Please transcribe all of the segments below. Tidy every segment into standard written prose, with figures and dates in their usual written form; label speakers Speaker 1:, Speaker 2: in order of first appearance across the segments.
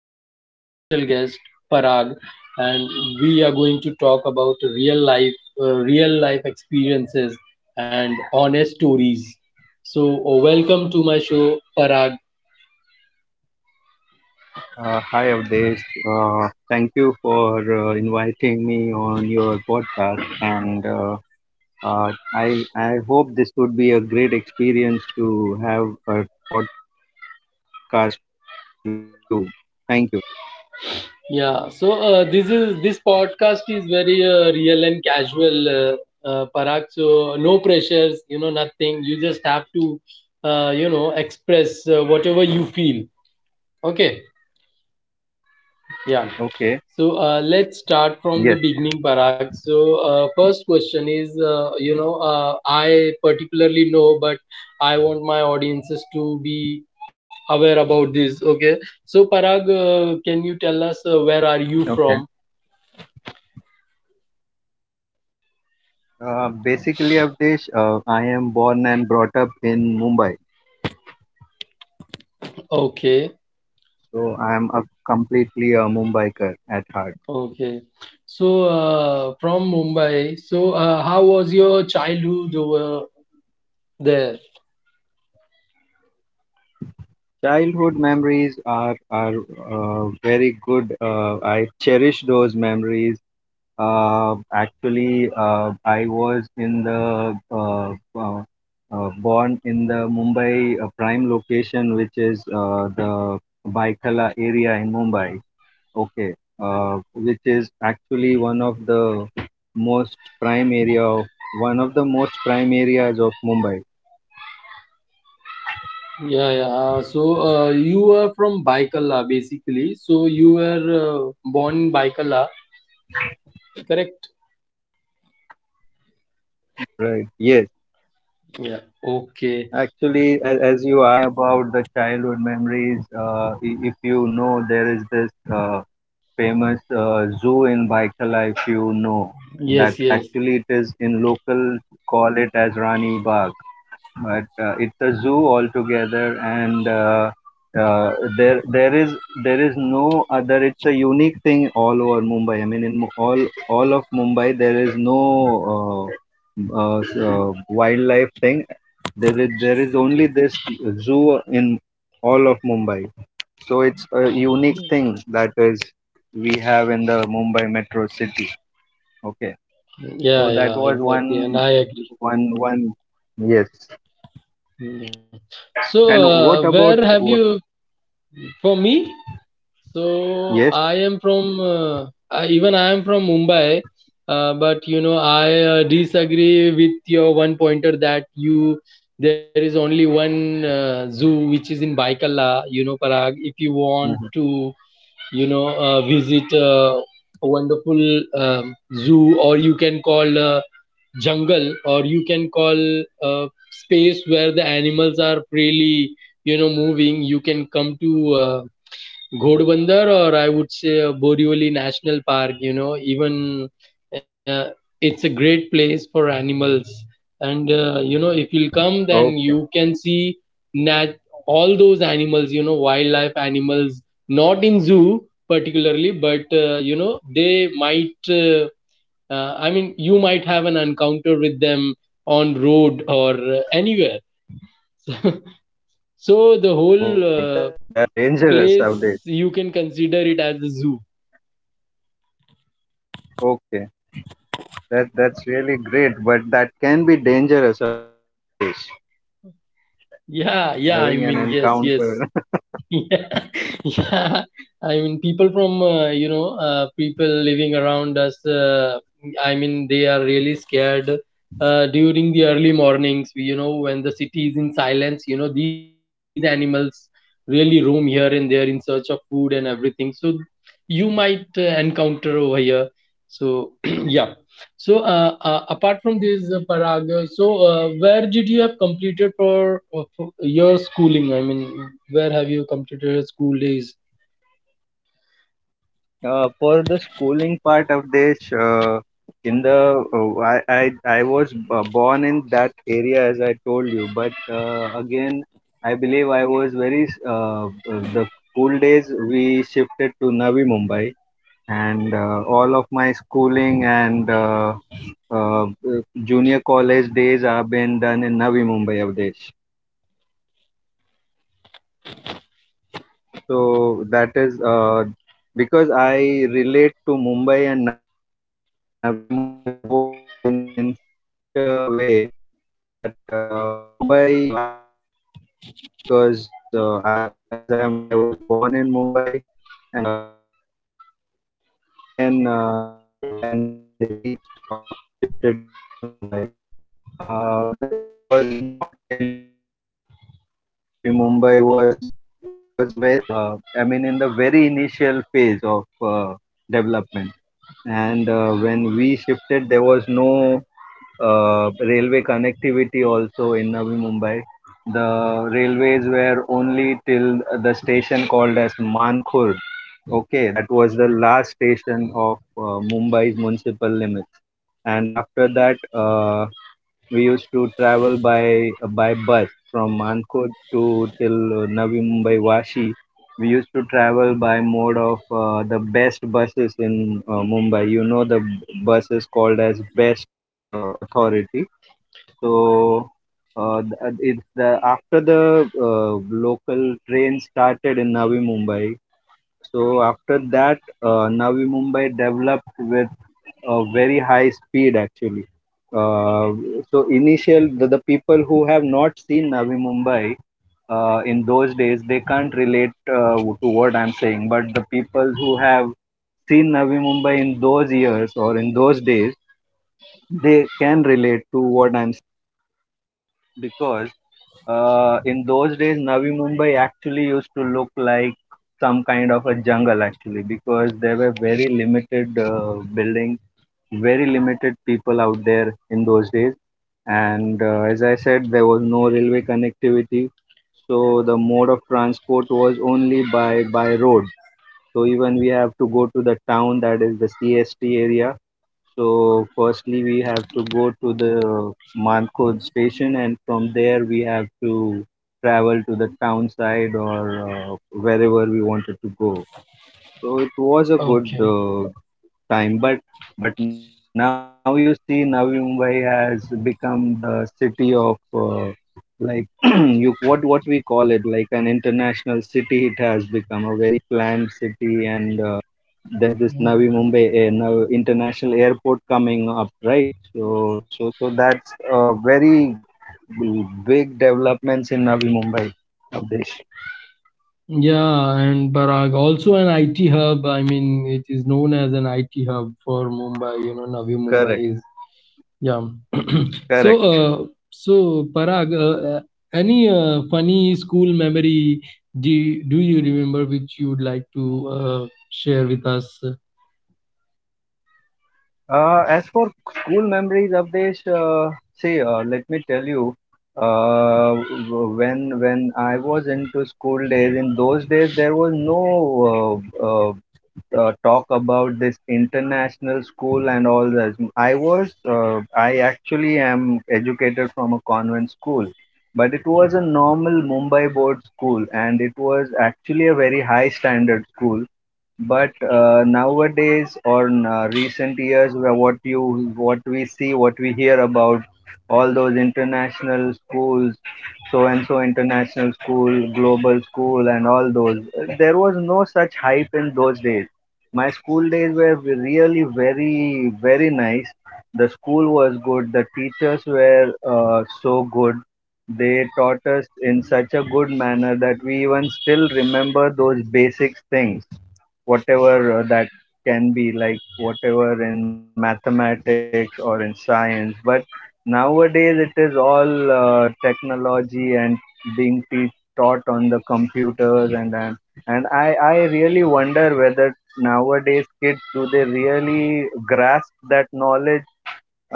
Speaker 1: a special guest, Parag, and we are going to talk about real life, experiences and honest stories. So, welcome to my show, Parag.
Speaker 2: Hi, Avdesh. Thank you for inviting me on your podcast, and I hope this would be a great experience to have a podcast with you. Thank you.
Speaker 1: Yeah. So this podcast is very real and casual, Parag. So no pressures, nothing. You just have to, express whatever you feel. Okay.
Speaker 2: Okay.
Speaker 1: Yeah. So
Speaker 2: Yes.
Speaker 1: let's start from the beginning, Parag. So first question is, I particularly know, but I want my audiences to be aware about this. Okay. So Parag, can you tell us where are
Speaker 2: Okay.
Speaker 1: you from?
Speaker 2: Basically, Avdesh, I am born and brought up in Mumbai,
Speaker 1: Okay.
Speaker 2: so I am a completely a Mumbaiker at heart.
Speaker 1: Okay. So from Mumbai. So how was your childhood over there?
Speaker 2: Childhood memories are very good. I cherish those memories. I was in the born in the Mumbai prime location, which is the Baikala area in Mumbai. Okay, which is actually most prime area of one of the most prime areas of Mumbai.
Speaker 1: Yeah, yeah. So you are from Baikala, basically. So you were born in Baikala, correct?
Speaker 2: Right. Yes.
Speaker 1: Yeah. Okay.
Speaker 2: Actually, as you asked me about the childhood memories, if you know, there is this famous zoo in Baikal, if you know that
Speaker 1: Yes, yes.
Speaker 2: actually it is in local, call it as Rani Bagh, but it's a zoo altogether, and uh, uh, there there is there is no other. It's a unique thing all over Mumbai. All of Mumbai, there is no. Uh, wildlife thing. There is only this zoo in all of Mumbai, so it's a unique thing that is we have in the Mumbai metro city. Okay.
Speaker 1: Yeah, yeah.
Speaker 2: So that
Speaker 1: Exactly.
Speaker 2: was
Speaker 1: And I
Speaker 2: one
Speaker 1: agree.
Speaker 2: one one Yes.
Speaker 1: Hmm. Yeah. So
Speaker 2: And what
Speaker 1: where have
Speaker 2: about
Speaker 1: you?
Speaker 2: what?
Speaker 1: For me? So
Speaker 2: Yes?
Speaker 1: I am from even I am from Mumbai, but I disagree with your one pointer that you there is only one zoo which is in Baikala. Parag, if you want to
Speaker 2: Hmm.
Speaker 1: visit a wonderful um, zoo, or you can call jungle, or you can call space where the animals are freely moving. You can come to Ghodbunder, or I would say Borivali National Park. Even uh, it's a great place for animals. And if you'll
Speaker 2: Okay.
Speaker 1: come, then you can see nat- all those animals, wildlife animals, not in zoo particularly, but, they might, I mean, you might have an encounter with them on road or anywhere.
Speaker 2: Oh,
Speaker 1: So
Speaker 2: that
Speaker 1: the whole
Speaker 2: that's dangerous nowadays.
Speaker 1: place, you can consider it as a zoo.
Speaker 2: Okay. That that's really great, but that can be dangerous nowadays.
Speaker 1: Yeah,
Speaker 2: Having
Speaker 1: yeah,
Speaker 2: an
Speaker 1: I mean, yes,
Speaker 2: encounter.
Speaker 1: yes. Yeah, yeah. I mean, people from, people living around us, I mean, they are really scared during the early mornings. When the city is in silence, these animals really roam here and there in search of food and everything. So you might encounter over here. So, yeah. So, apart from this, Parag, where did you have completed for your schooling? I mean, where have you completed your school days?
Speaker 2: For the schooling part of this, in the I was born in that area as I told you, but again I believe I was very the school days we shifted to Navi Mumbai, and all of my schooling and uh, junior college days have been done in Navi Mumbai of this. So that is because I relate to Mumbai and Navi Mumbai both in such a way that Mumbai, I really love Mumbai because I as I am I was born in Mumbai, and Navi Mumbai again, when I reached or we shifted to Navi Mumbai uh, it was not really that developed. Okay, Navi Mumbai was very, I mean, in the very initial phase of development. And when we shifted, there was no railway connectivity also in Navi Mumbai. The railways were only till the station called as Mankhurd. Okay, that was the last station of Mumbai's municipal limits. And after that, we used to travel by bus from Mankod to till Navi Mumbai Vashi. We used to travel by mode of the best buses in Mumbai. You know the bus is called as best authority. So th- it's the after the local train started in Navi Mumbai. So after that, Navi Mumbai developed with a very high speed actually. Uh, so initial the people who have not seen Navi Mumbai in those days, they can't relate to what I'm saying. But the people who have seen Navi Mumbai in those years or in those days, they can relate to what I'm saying, because in those days Navi Mumbai actually used to look like some kind of a jungle actually, because there were very limited buildings, very limited people out there in those days. And as I said, there was no railway connectivity, so the mode of transport was only by road. So even we have to go to the town, that is the CST area, so firstly we have to go to the Mankod station, and from there we have to travel to the town side or wherever we wanted to go. So it was a good
Speaker 1: Okay.
Speaker 2: time, but now you see, Navi Mumbai has become the city of like, you what we call it, like an international city. It has become a very planned city, and there is this Navi
Speaker 1: Mhm.
Speaker 2: Mumbai now international airport coming up, right? So that's a very big developments in Navi Mumbai, Abdesh.
Speaker 1: Yeah, and Parag, also an IT hub. I mean, it is known as an IT hub for Mumbai. Navi Mumbai
Speaker 2: Correct,
Speaker 1: is. Yeah. so,
Speaker 2: correct.
Speaker 1: uh, so Parag, any funny school memory, do you remember, which you would like to share with us?
Speaker 2: As for school memories, Avdesh, see, let me tell you, when I was into school days, in those days there was no talk about this international school and all that. I actually am educated from a convent school, but it was a normal Mumbai board school, and it was actually a very high standard school. But nowadays, or in, recent years, where what we see, what we hear about all those international schools, so and so international school, global school, and all those, there was no such hype in those days. My school days were really very very nice. The school was good. The teachers were so good. They taught us in such a good manner that we even still remember those basic things, whatever that can be, like whatever in mathematics or in science. But nowadays it is all technology, and being taught on the computers, and I really wonder whether nowadays kids, do they really grasp that knowledge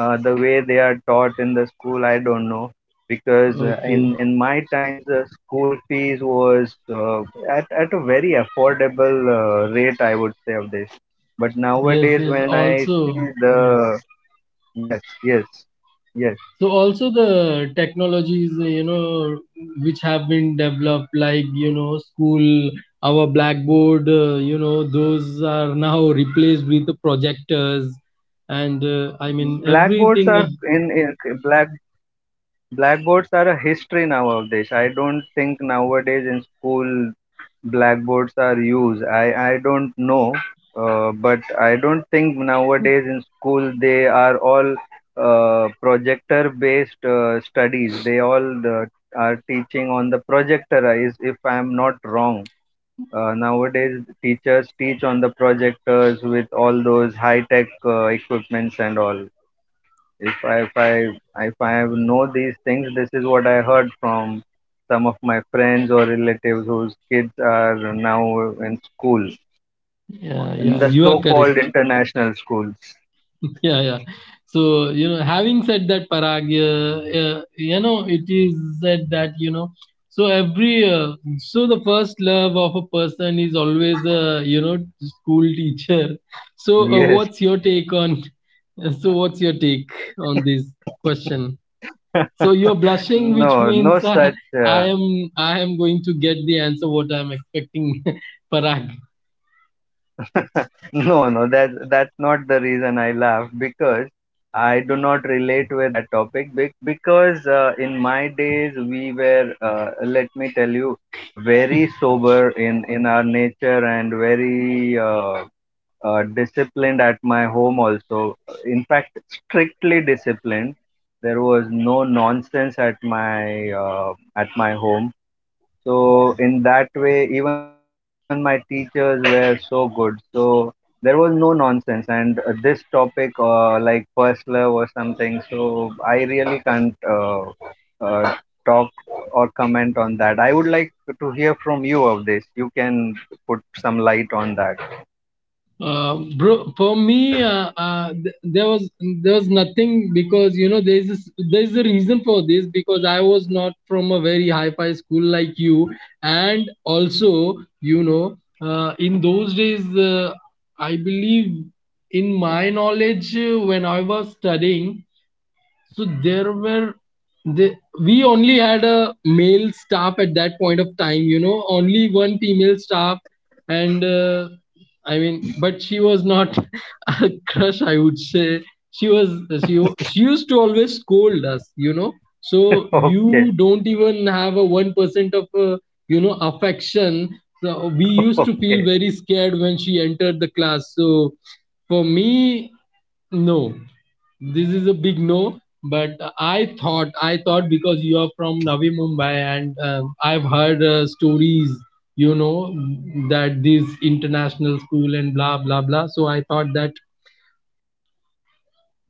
Speaker 2: the way they are taught in the school? I don't know, because
Speaker 1: Okay.
Speaker 2: in my times the school fees was uh, at a very affordable rate, I would say of this. But
Speaker 1: Yes,
Speaker 2: nowadays
Speaker 1: yes.
Speaker 2: when I see
Speaker 1: Also,
Speaker 2: the
Speaker 1: yeah.
Speaker 2: yes, yes, yes,
Speaker 1: So also the technologies, which have been developed, like, school, our blackboard, those are now replaced with the projectors. And I mean,
Speaker 2: blackboards are
Speaker 1: everything.
Speaker 2: in black blackboards are a history now of this. I don't think nowadays in school blackboards are used. I don't know, but I don't think nowadays in school, they are all projector based studies. They all are teaching on the projector. Is, if I am not wrong. Nowadays, teachers teach on the projectors with all those high tech equipments and all. if I if I if I know these things, this is what I heard from some of my friends or relatives whose kids are now in school,
Speaker 1: Yeah,
Speaker 2: in
Speaker 1: yeah,
Speaker 2: the
Speaker 1: you are
Speaker 2: so-called
Speaker 1: correct.
Speaker 2: international schools.
Speaker 1: Yeah, yeah. So, having said that, Parag, it is said that, so every uh, so the first love of a person is always a, you know school teacher. so uh, what's your
Speaker 2: Yes,
Speaker 1: take on what's your take on this question? So you're blushing, which
Speaker 2: no, no
Speaker 1: means
Speaker 2: such.
Speaker 1: i am I am going to get the answer what I'm expecting. Parag.
Speaker 2: No, no, that's not the reason I laugh, because I do not relate with that topic, because in my days we were let me tell you, very sober in our nature, and very disciplined at my home also. In fact, strictly disciplined. There was no nonsense at my home, so in that way, even my teachers were so good. So there was no nonsense. And this topic, like first love or something, so I really can't uh, talk or comment on that. I would like to hear from you of this. You can put some light on that.
Speaker 1: Bro, for me, there was nothing, because there's a reason for this, because I was not from a very high-fi school like you. And also, in those days, I believe, in my knowledge, when I was studying, so there were the we only had a male staff at that point of time, only one female staff. And I mean, but she was not a crush. I would say she was she wa- she used to always scold us. So you don't
Speaker 2: Okay.
Speaker 1: even have a 1% of affection. So we used to feel very
Speaker 2: Okay.
Speaker 1: scared when she entered the class. So for me, no. This is a big no. But I thought, because you are from Navi Mumbai, and I've heard stories, you know, that this international school, and blah blah blah. So I thought that,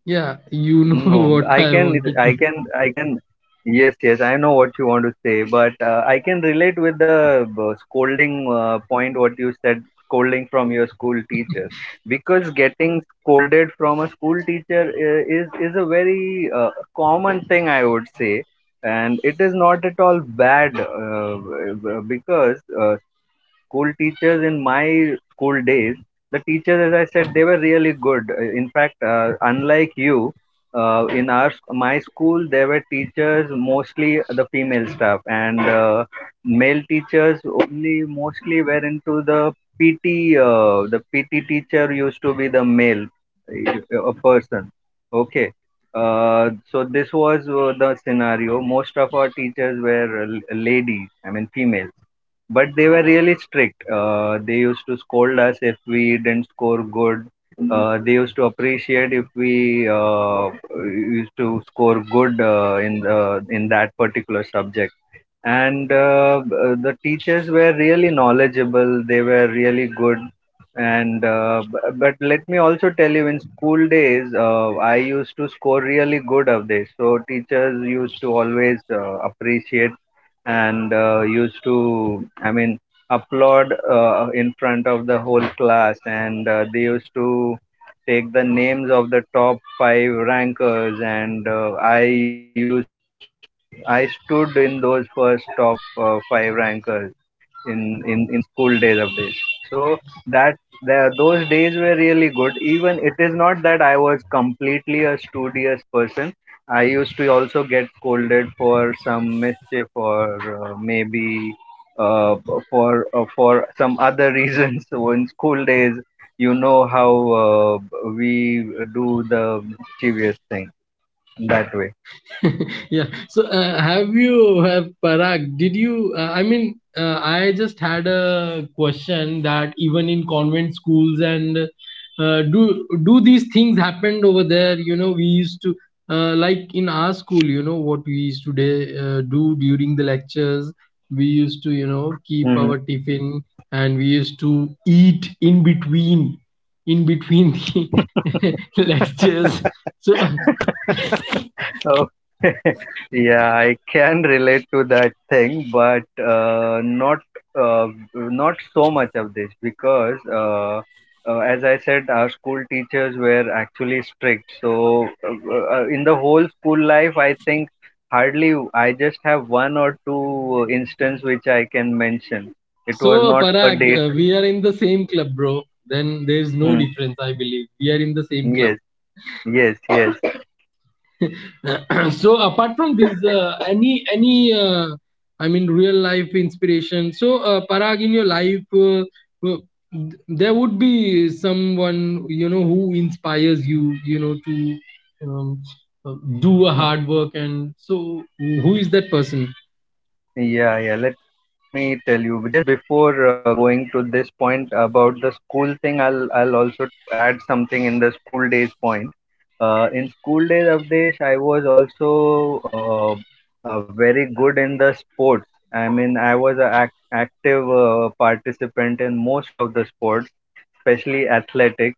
Speaker 1: yeah,
Speaker 2: No,
Speaker 1: what
Speaker 2: I
Speaker 1: I
Speaker 2: can,
Speaker 1: wanted to...
Speaker 2: I can, I can. Yes, yes, I know what you want to say, but I can relate with the scolding point what you said, scolding from your school teacher, because getting scolded from a school teacher is a very common thing, I would say, and it is not at all bad because school teachers in my school days, the teachers, as I said, they were really good. In fact, unlike you, in our my school there were teachers mostly the female staff, and male teachers only mostly were into the pt the PT teacher used to be the male a person, okay. So this was the scenario. Most of our teachers were ladies, I mean female, but they were really strict. They used to scold us if we didn't score good. They used to appreciate if we used to score good in the in that particular subject. And the teachers were really knowledgeable, they were really good. And but let me also tell you, in school days I used to score really good of this, so teachers used to always appreciate, and used to I mean applaud in front of the whole class, and they used to take the names of the top 5 rankers, and I stood in those first top five rankers in school days of this. So that, the, those days were really good. Even it is not that I was completely a studious person, I used to also get scolded for some mischief or maybe uh, for some other reasons. so in school days, you know how uh, we do the mischievous thing, that way.
Speaker 1: Yeah. Have you have Parag, did you, I mean, I just had a question that even in convent schools, and do these things happened over there? We used to, like in our school, what we used to day, do during the lectures, we used to keep
Speaker 2: Mm-hmm.
Speaker 1: our tiffin, and we used to eat in between the lectures, so.
Speaker 2: Oh, yeah, I can relate to that thing, but not uh, not so much of this because, as I said, our school teachers were actually strict. So, in the whole school life, I think hardly I just have one or two instance which I can mention. It was
Speaker 1: So,
Speaker 2: not a
Speaker 1: Parag,
Speaker 2: date.
Speaker 1: we are in the same club, bro. Then there is no
Speaker 2: Hmm.
Speaker 1: difference, I believe. We are in the same club.
Speaker 2: Yes, yes, yes.
Speaker 1: So, apart from this, any I mean, real life inspiration. So, Parag, in your life, uh, there would be someone, who inspires you, to uh, do a hard work. And so, who is that person?
Speaker 2: Yeah, yeah. Let me tell you. Just before going to this point about the school thing, I'll also add something in the school days point. In school days, Avdesh, I was also very good in the sports. I mean, I was an active participant in most of the sports, especially athletic.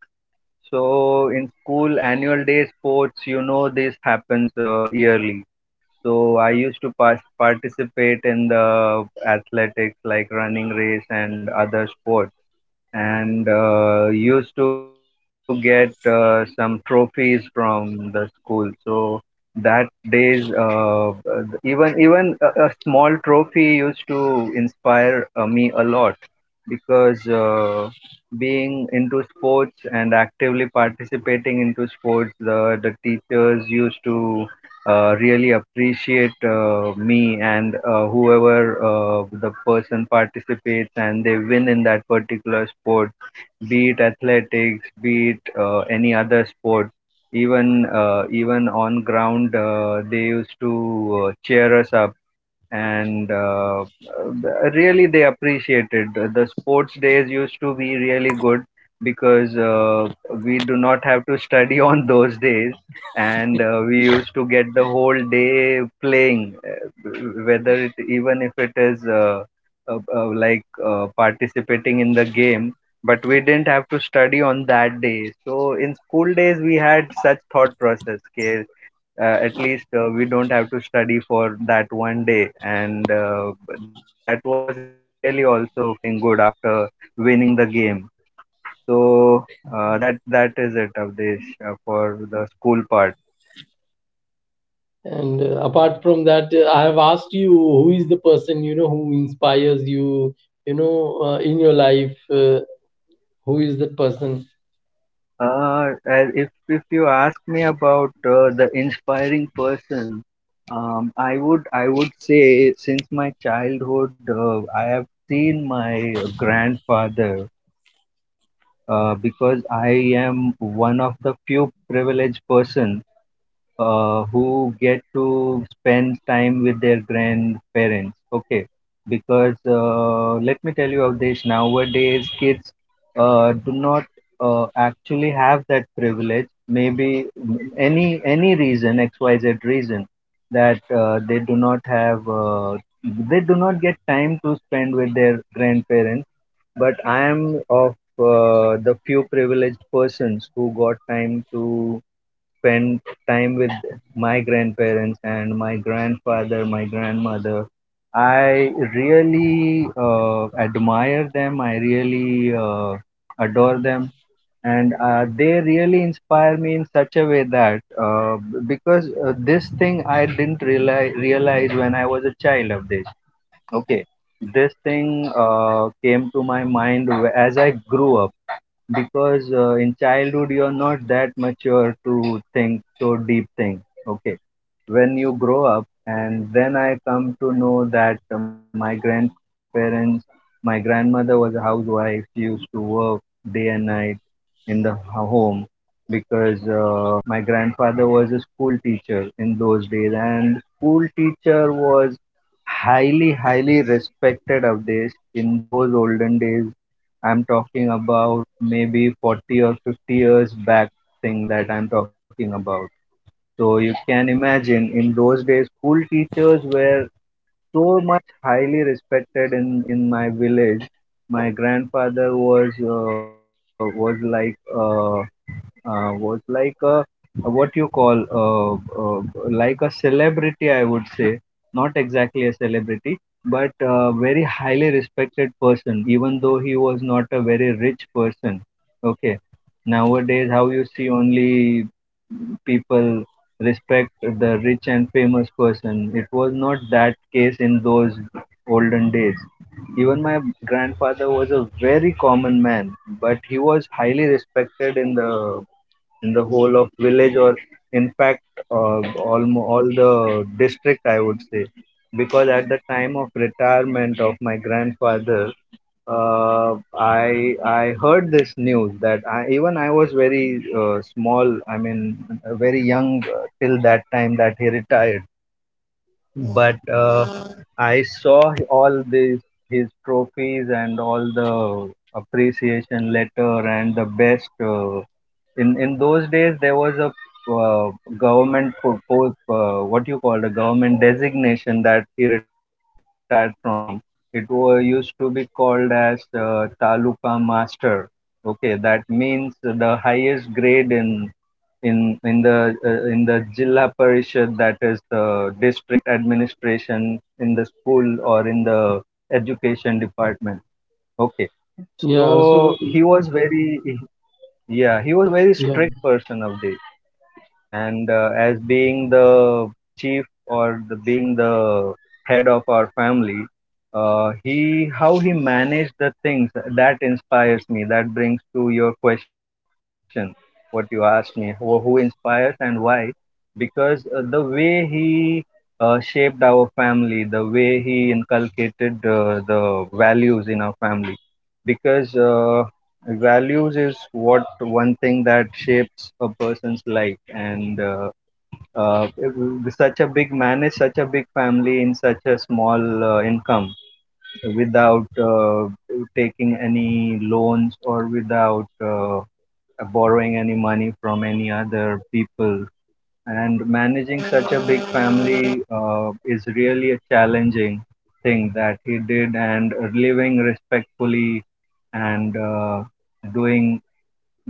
Speaker 2: So in school annual day sports, this happens yearly. So I used to participate in the athletics like running race and other sports, and used to get some trophies from the school. So that days, even a small trophy used to inspire me a lot, because being into sports and actively participating into sports, the teachers used to really appreciate me, and whoever the person participates and they win in that particular sport, be it athletics, be it any other sport. Even even on ground, they used to cheer us up, and really they appreciated. The sports days used to be really good, because we do not have to study on those days, and we used to get the whole day playing, whether it, even if it is like participating in the game, but we didn't have to study on that day. So in school days we had such thought process. Okay, at least we don't have to study for that one day, and that was really also feeling good after winning the game. So that is it, Avdesh, for the school part.
Speaker 1: And apart from that, I have asked you who is the person, who inspires you, in your life. Who is that person?
Speaker 2: Uh, as- if if you ask me about the inspiring person, I would say, since my childhood I have seen my grandfather, because I am one of the few privileged person who get to spend time with their grandparents. Okay, because let me tell you, Avdesh, nowadays kids do not actually have that privilege. Maybe any reason, XYZ reason, that they do not have. They do not get time to spend with their grandparents, but I am of the few privileged persons who got time to spend time with my grandparents and my grandfather, my grandmother. I really admire them. I really adore them. And they really inspire me in such a way that, because this thing I didn't realize when I was a child of this. Okay, this thing came to my mind as I grew up, because in childhood you're not that mature to think so deep things. Okay, when you grow up. And then I come to know that my grandparents, my grandmother was a housewife. She used to work day and night in the home, because my grandfather was a school teacher in those days, and school teacher was highly, highly respected of this in those olden days. I'm talking about maybe 40 or 50 years back thing that I'm talking about. So you can imagine, in those days, school teachers were so much highly respected in my village. My grandfather was, a was like a, what you call, uh, uh, like a celebrity, I would say. Not exactly a celebrity, but a very highly respected person, even though he was not a very rich person. Okay, nowadays how you see, only people respect the rich and famous person. It was not that case in those olden days. Even my grandfather was a very common man, but he was highly respected in the whole of village, or in fact uh, all the district, I would say. Because at the time of retirement of my grandfather, I heard this news that, I, even I was very small, I mean very young, till that time that he retired, but I saw all these his trophies and all the appreciation letter and the best. In those days, there was a uh, government proposed, what you call, a government designation that he retired from. It was used to be called as taluka master. Okay, that means the highest grade in the Jilla Parishad, that is the district administration in the school or in the education department. Okay,
Speaker 1: Yeah.
Speaker 2: so
Speaker 1: So,
Speaker 2: he was very, yeah, he was a very
Speaker 1: yeah,
Speaker 2: strict person of the. And as being the chief, or the being the head of our family, he how he managed the things that inspires me, that brings to your question what you asked me, who inspires and why. Because the way he shaped our family, the way he inculcated the values in our family, because values is what one thing that shapes a person's life. And such a big man is such a big family in such a small income, without taking any loans, or without borrowing any money from any other people, and managing such a big family is really a challenging thing that he did, and living respectfully, and doing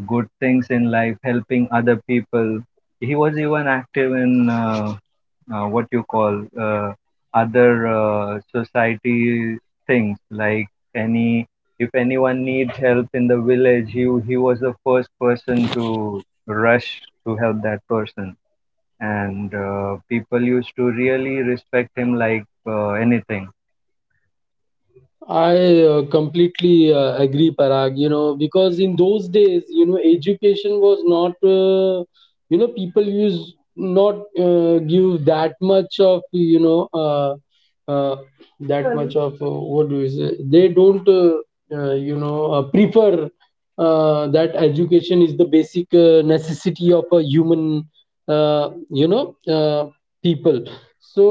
Speaker 2: good things in life, helping other people. He was even active in what you call, other society things, like, any if anyone needs help in the village, he was the first person to rush to help that person, and people used to really respect him like anything.
Speaker 1: I completely agree, Parag. Because in those days, education was not, people used not give that much of, uh, that much of, what do you say? They don't, prefer. That education is the basic necessity of a human, uh, you know uh, people. so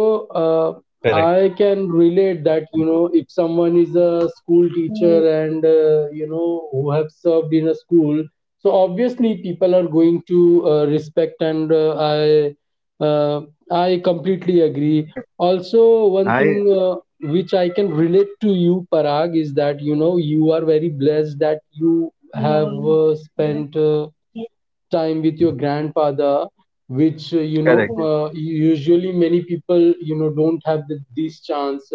Speaker 1: uh,
Speaker 2: Correct.
Speaker 1: I can relate that, if someone is a school teacher, and who have served in a school, so obviously people are going to respect. And uh, i uh, i completely
Speaker 2: I
Speaker 1: agree. Also, one
Speaker 2: I.
Speaker 1: thing, which I can relate to you, Parag, is that, you are very blessed that you have spent time with your grandfather, which,
Speaker 2: Correct.
Speaker 1: usually many people, don't have this chance.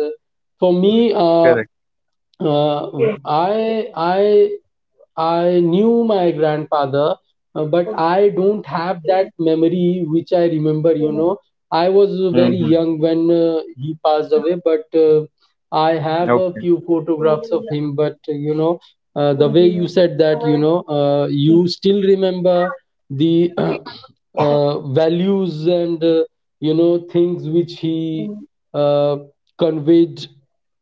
Speaker 1: For me,
Speaker 2: Correct.
Speaker 1: uh, I I knew my grandfather, but I don't have that memory which I remember. I was very
Speaker 2: Mm-hmm.
Speaker 1: young when he passed away, but I have a few photographs of him. But the way you said that, you still remember the values, and, things which he uh, conveyed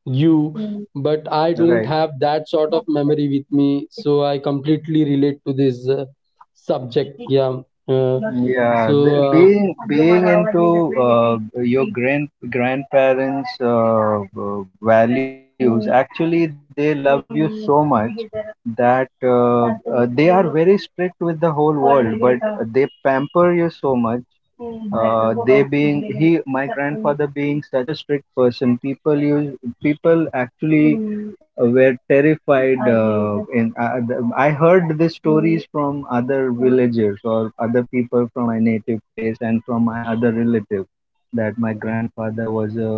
Speaker 1: you. But I don't
Speaker 2: Okay.
Speaker 1: have that sort of memory with me, so I completely relate to this subject.
Speaker 2: Right.
Speaker 1: Yeah. uh,
Speaker 2: Yeah,
Speaker 1: so uh,
Speaker 2: being into uh, your grandparents' values, actually they love you so much that, they are very strict with the whole world, but they pamper you so much. They being he, my grandfather being such a strict person, people actually were terrified. I heard the stories from other villagers or other people from my native place and from my other relatives that my grandfather was a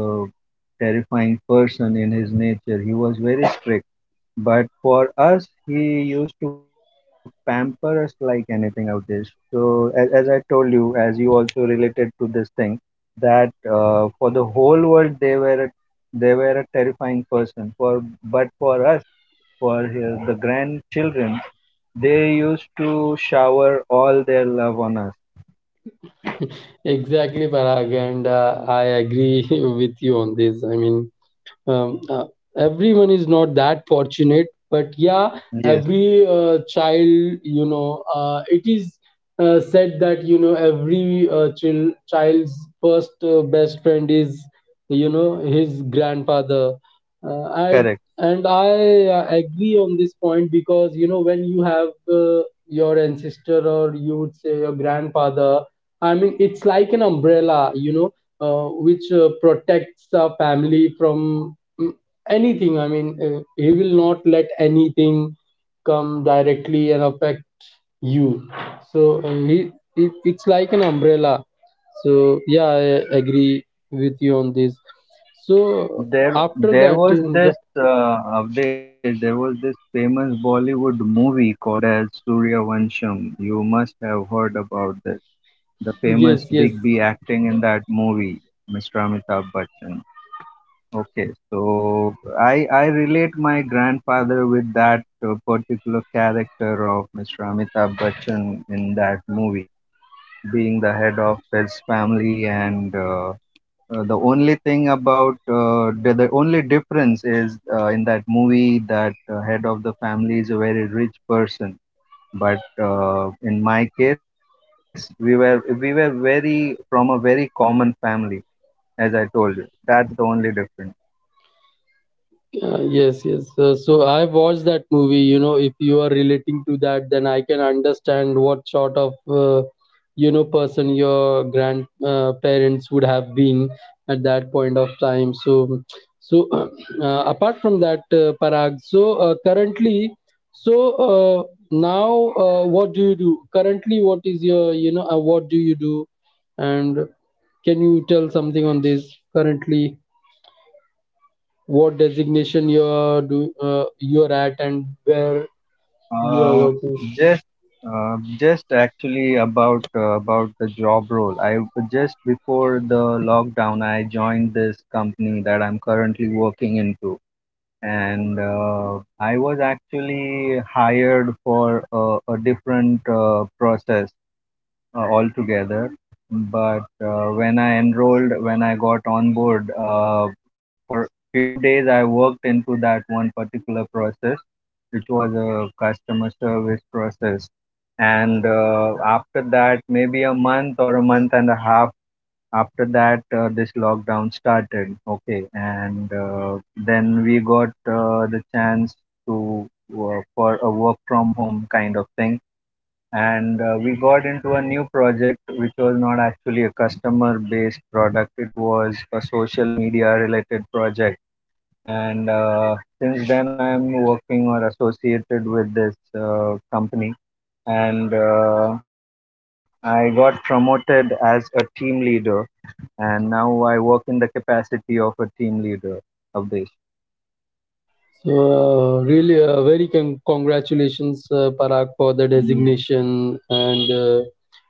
Speaker 2: terrifying person in his nature. He was very strict, but for us, he used to pamper us like anything out there. So, as I told you, as you also related to this thing, that for the whole world they were a terrifying person. For but for us, for his, the grandchildren, they used to shower all their love on us.
Speaker 1: exactly, Parag, and I agree with you on this. I mean, um, uh, everyone is not that fortunate, but yeah,
Speaker 2: Yes,
Speaker 1: every child, it is said that, every child's first best friend is, his grandfather. Uh, I,
Speaker 2: correct.
Speaker 1: and I agree on this point, because, when you have, uh, your ancestor, or you would say, your grandfather. I mean, it's like an umbrella, which protects a family from, mm, anything. I mean, he will not let anything come directly and affect you. So uh, he it's like an umbrella, so yeah, I agree with you on this. So
Speaker 2: There,
Speaker 1: after
Speaker 2: there
Speaker 1: that,
Speaker 2: was
Speaker 1: yep.
Speaker 2: this Avdesh, there was this famous Bollywood movie called as Surya Vansham. You must have heard about this. The
Speaker 1: Yes,
Speaker 2: famous
Speaker 1: yes.
Speaker 2: Big B acting in that movie, Mr. Amitabh Bachchan. Okay, so I relate my grandfather with that particular character of Mr. Amitabh Bachchan in that movie, being the head of his family and. The only thing about the only difference is, in that movie that head of the family is a very rich person, but in my case we were very, from a very common family, as I told you. That's the only difference.
Speaker 1: Yes, yes. So, I watched that movie. If you are relating to that, then I can understand what sort of person your grandparents, parents, would have been at that point of time. So, apart from that, Parag. Currently, so uh, now, what do you do? Currently, what do you do? And can you tell something on this, currently? What designation you are, do you are at, and where you are
Speaker 2: uh,
Speaker 1: working.
Speaker 2: just uh, just actually about the job role, I, just before the lockdown, I joined this company that I'm currently working into, and I was actually hired for a different process altogether. But when I enrolled, when I got on board, for few days I worked into that one particular process, which was a customer service process. And after that, maybe a month or a month and a half after that, this lockdown started. Okay, and then we got the chance to work for a work from home kind of thing, and we got into a new project which was not actually a customer based product, it was a social media related project. And since then I am working or associated with this company, and I got promoted as a team leader, and now I work in the capacity of a team leader, Avdesh.
Speaker 1: So really, very congratulations, Parag, for the
Speaker 2: Mm-hmm.
Speaker 1: designation. And uh,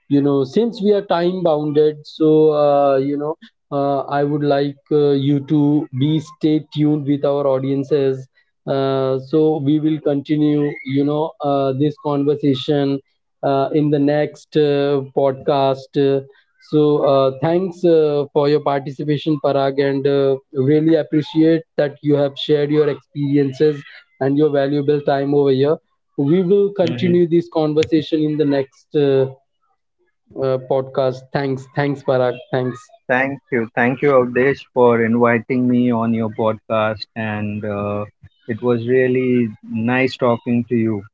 Speaker 1: you know, since we are time bounded, so I would like you to be stay tuned with our audiences. So we will continue, this conversation, in the next podcast. Thanks, for your participation, Parag, and really appreciate that you have shared your experiences and your valuable time over here. We will continue this conversation in the next, podcast. Thanks, thanks, Parag. Thanks.
Speaker 2: Thank you. Thank you, Avdesh, for inviting me on your podcast. And it was really nice talking to you.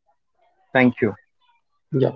Speaker 2: Thank you.
Speaker 1: Yeah.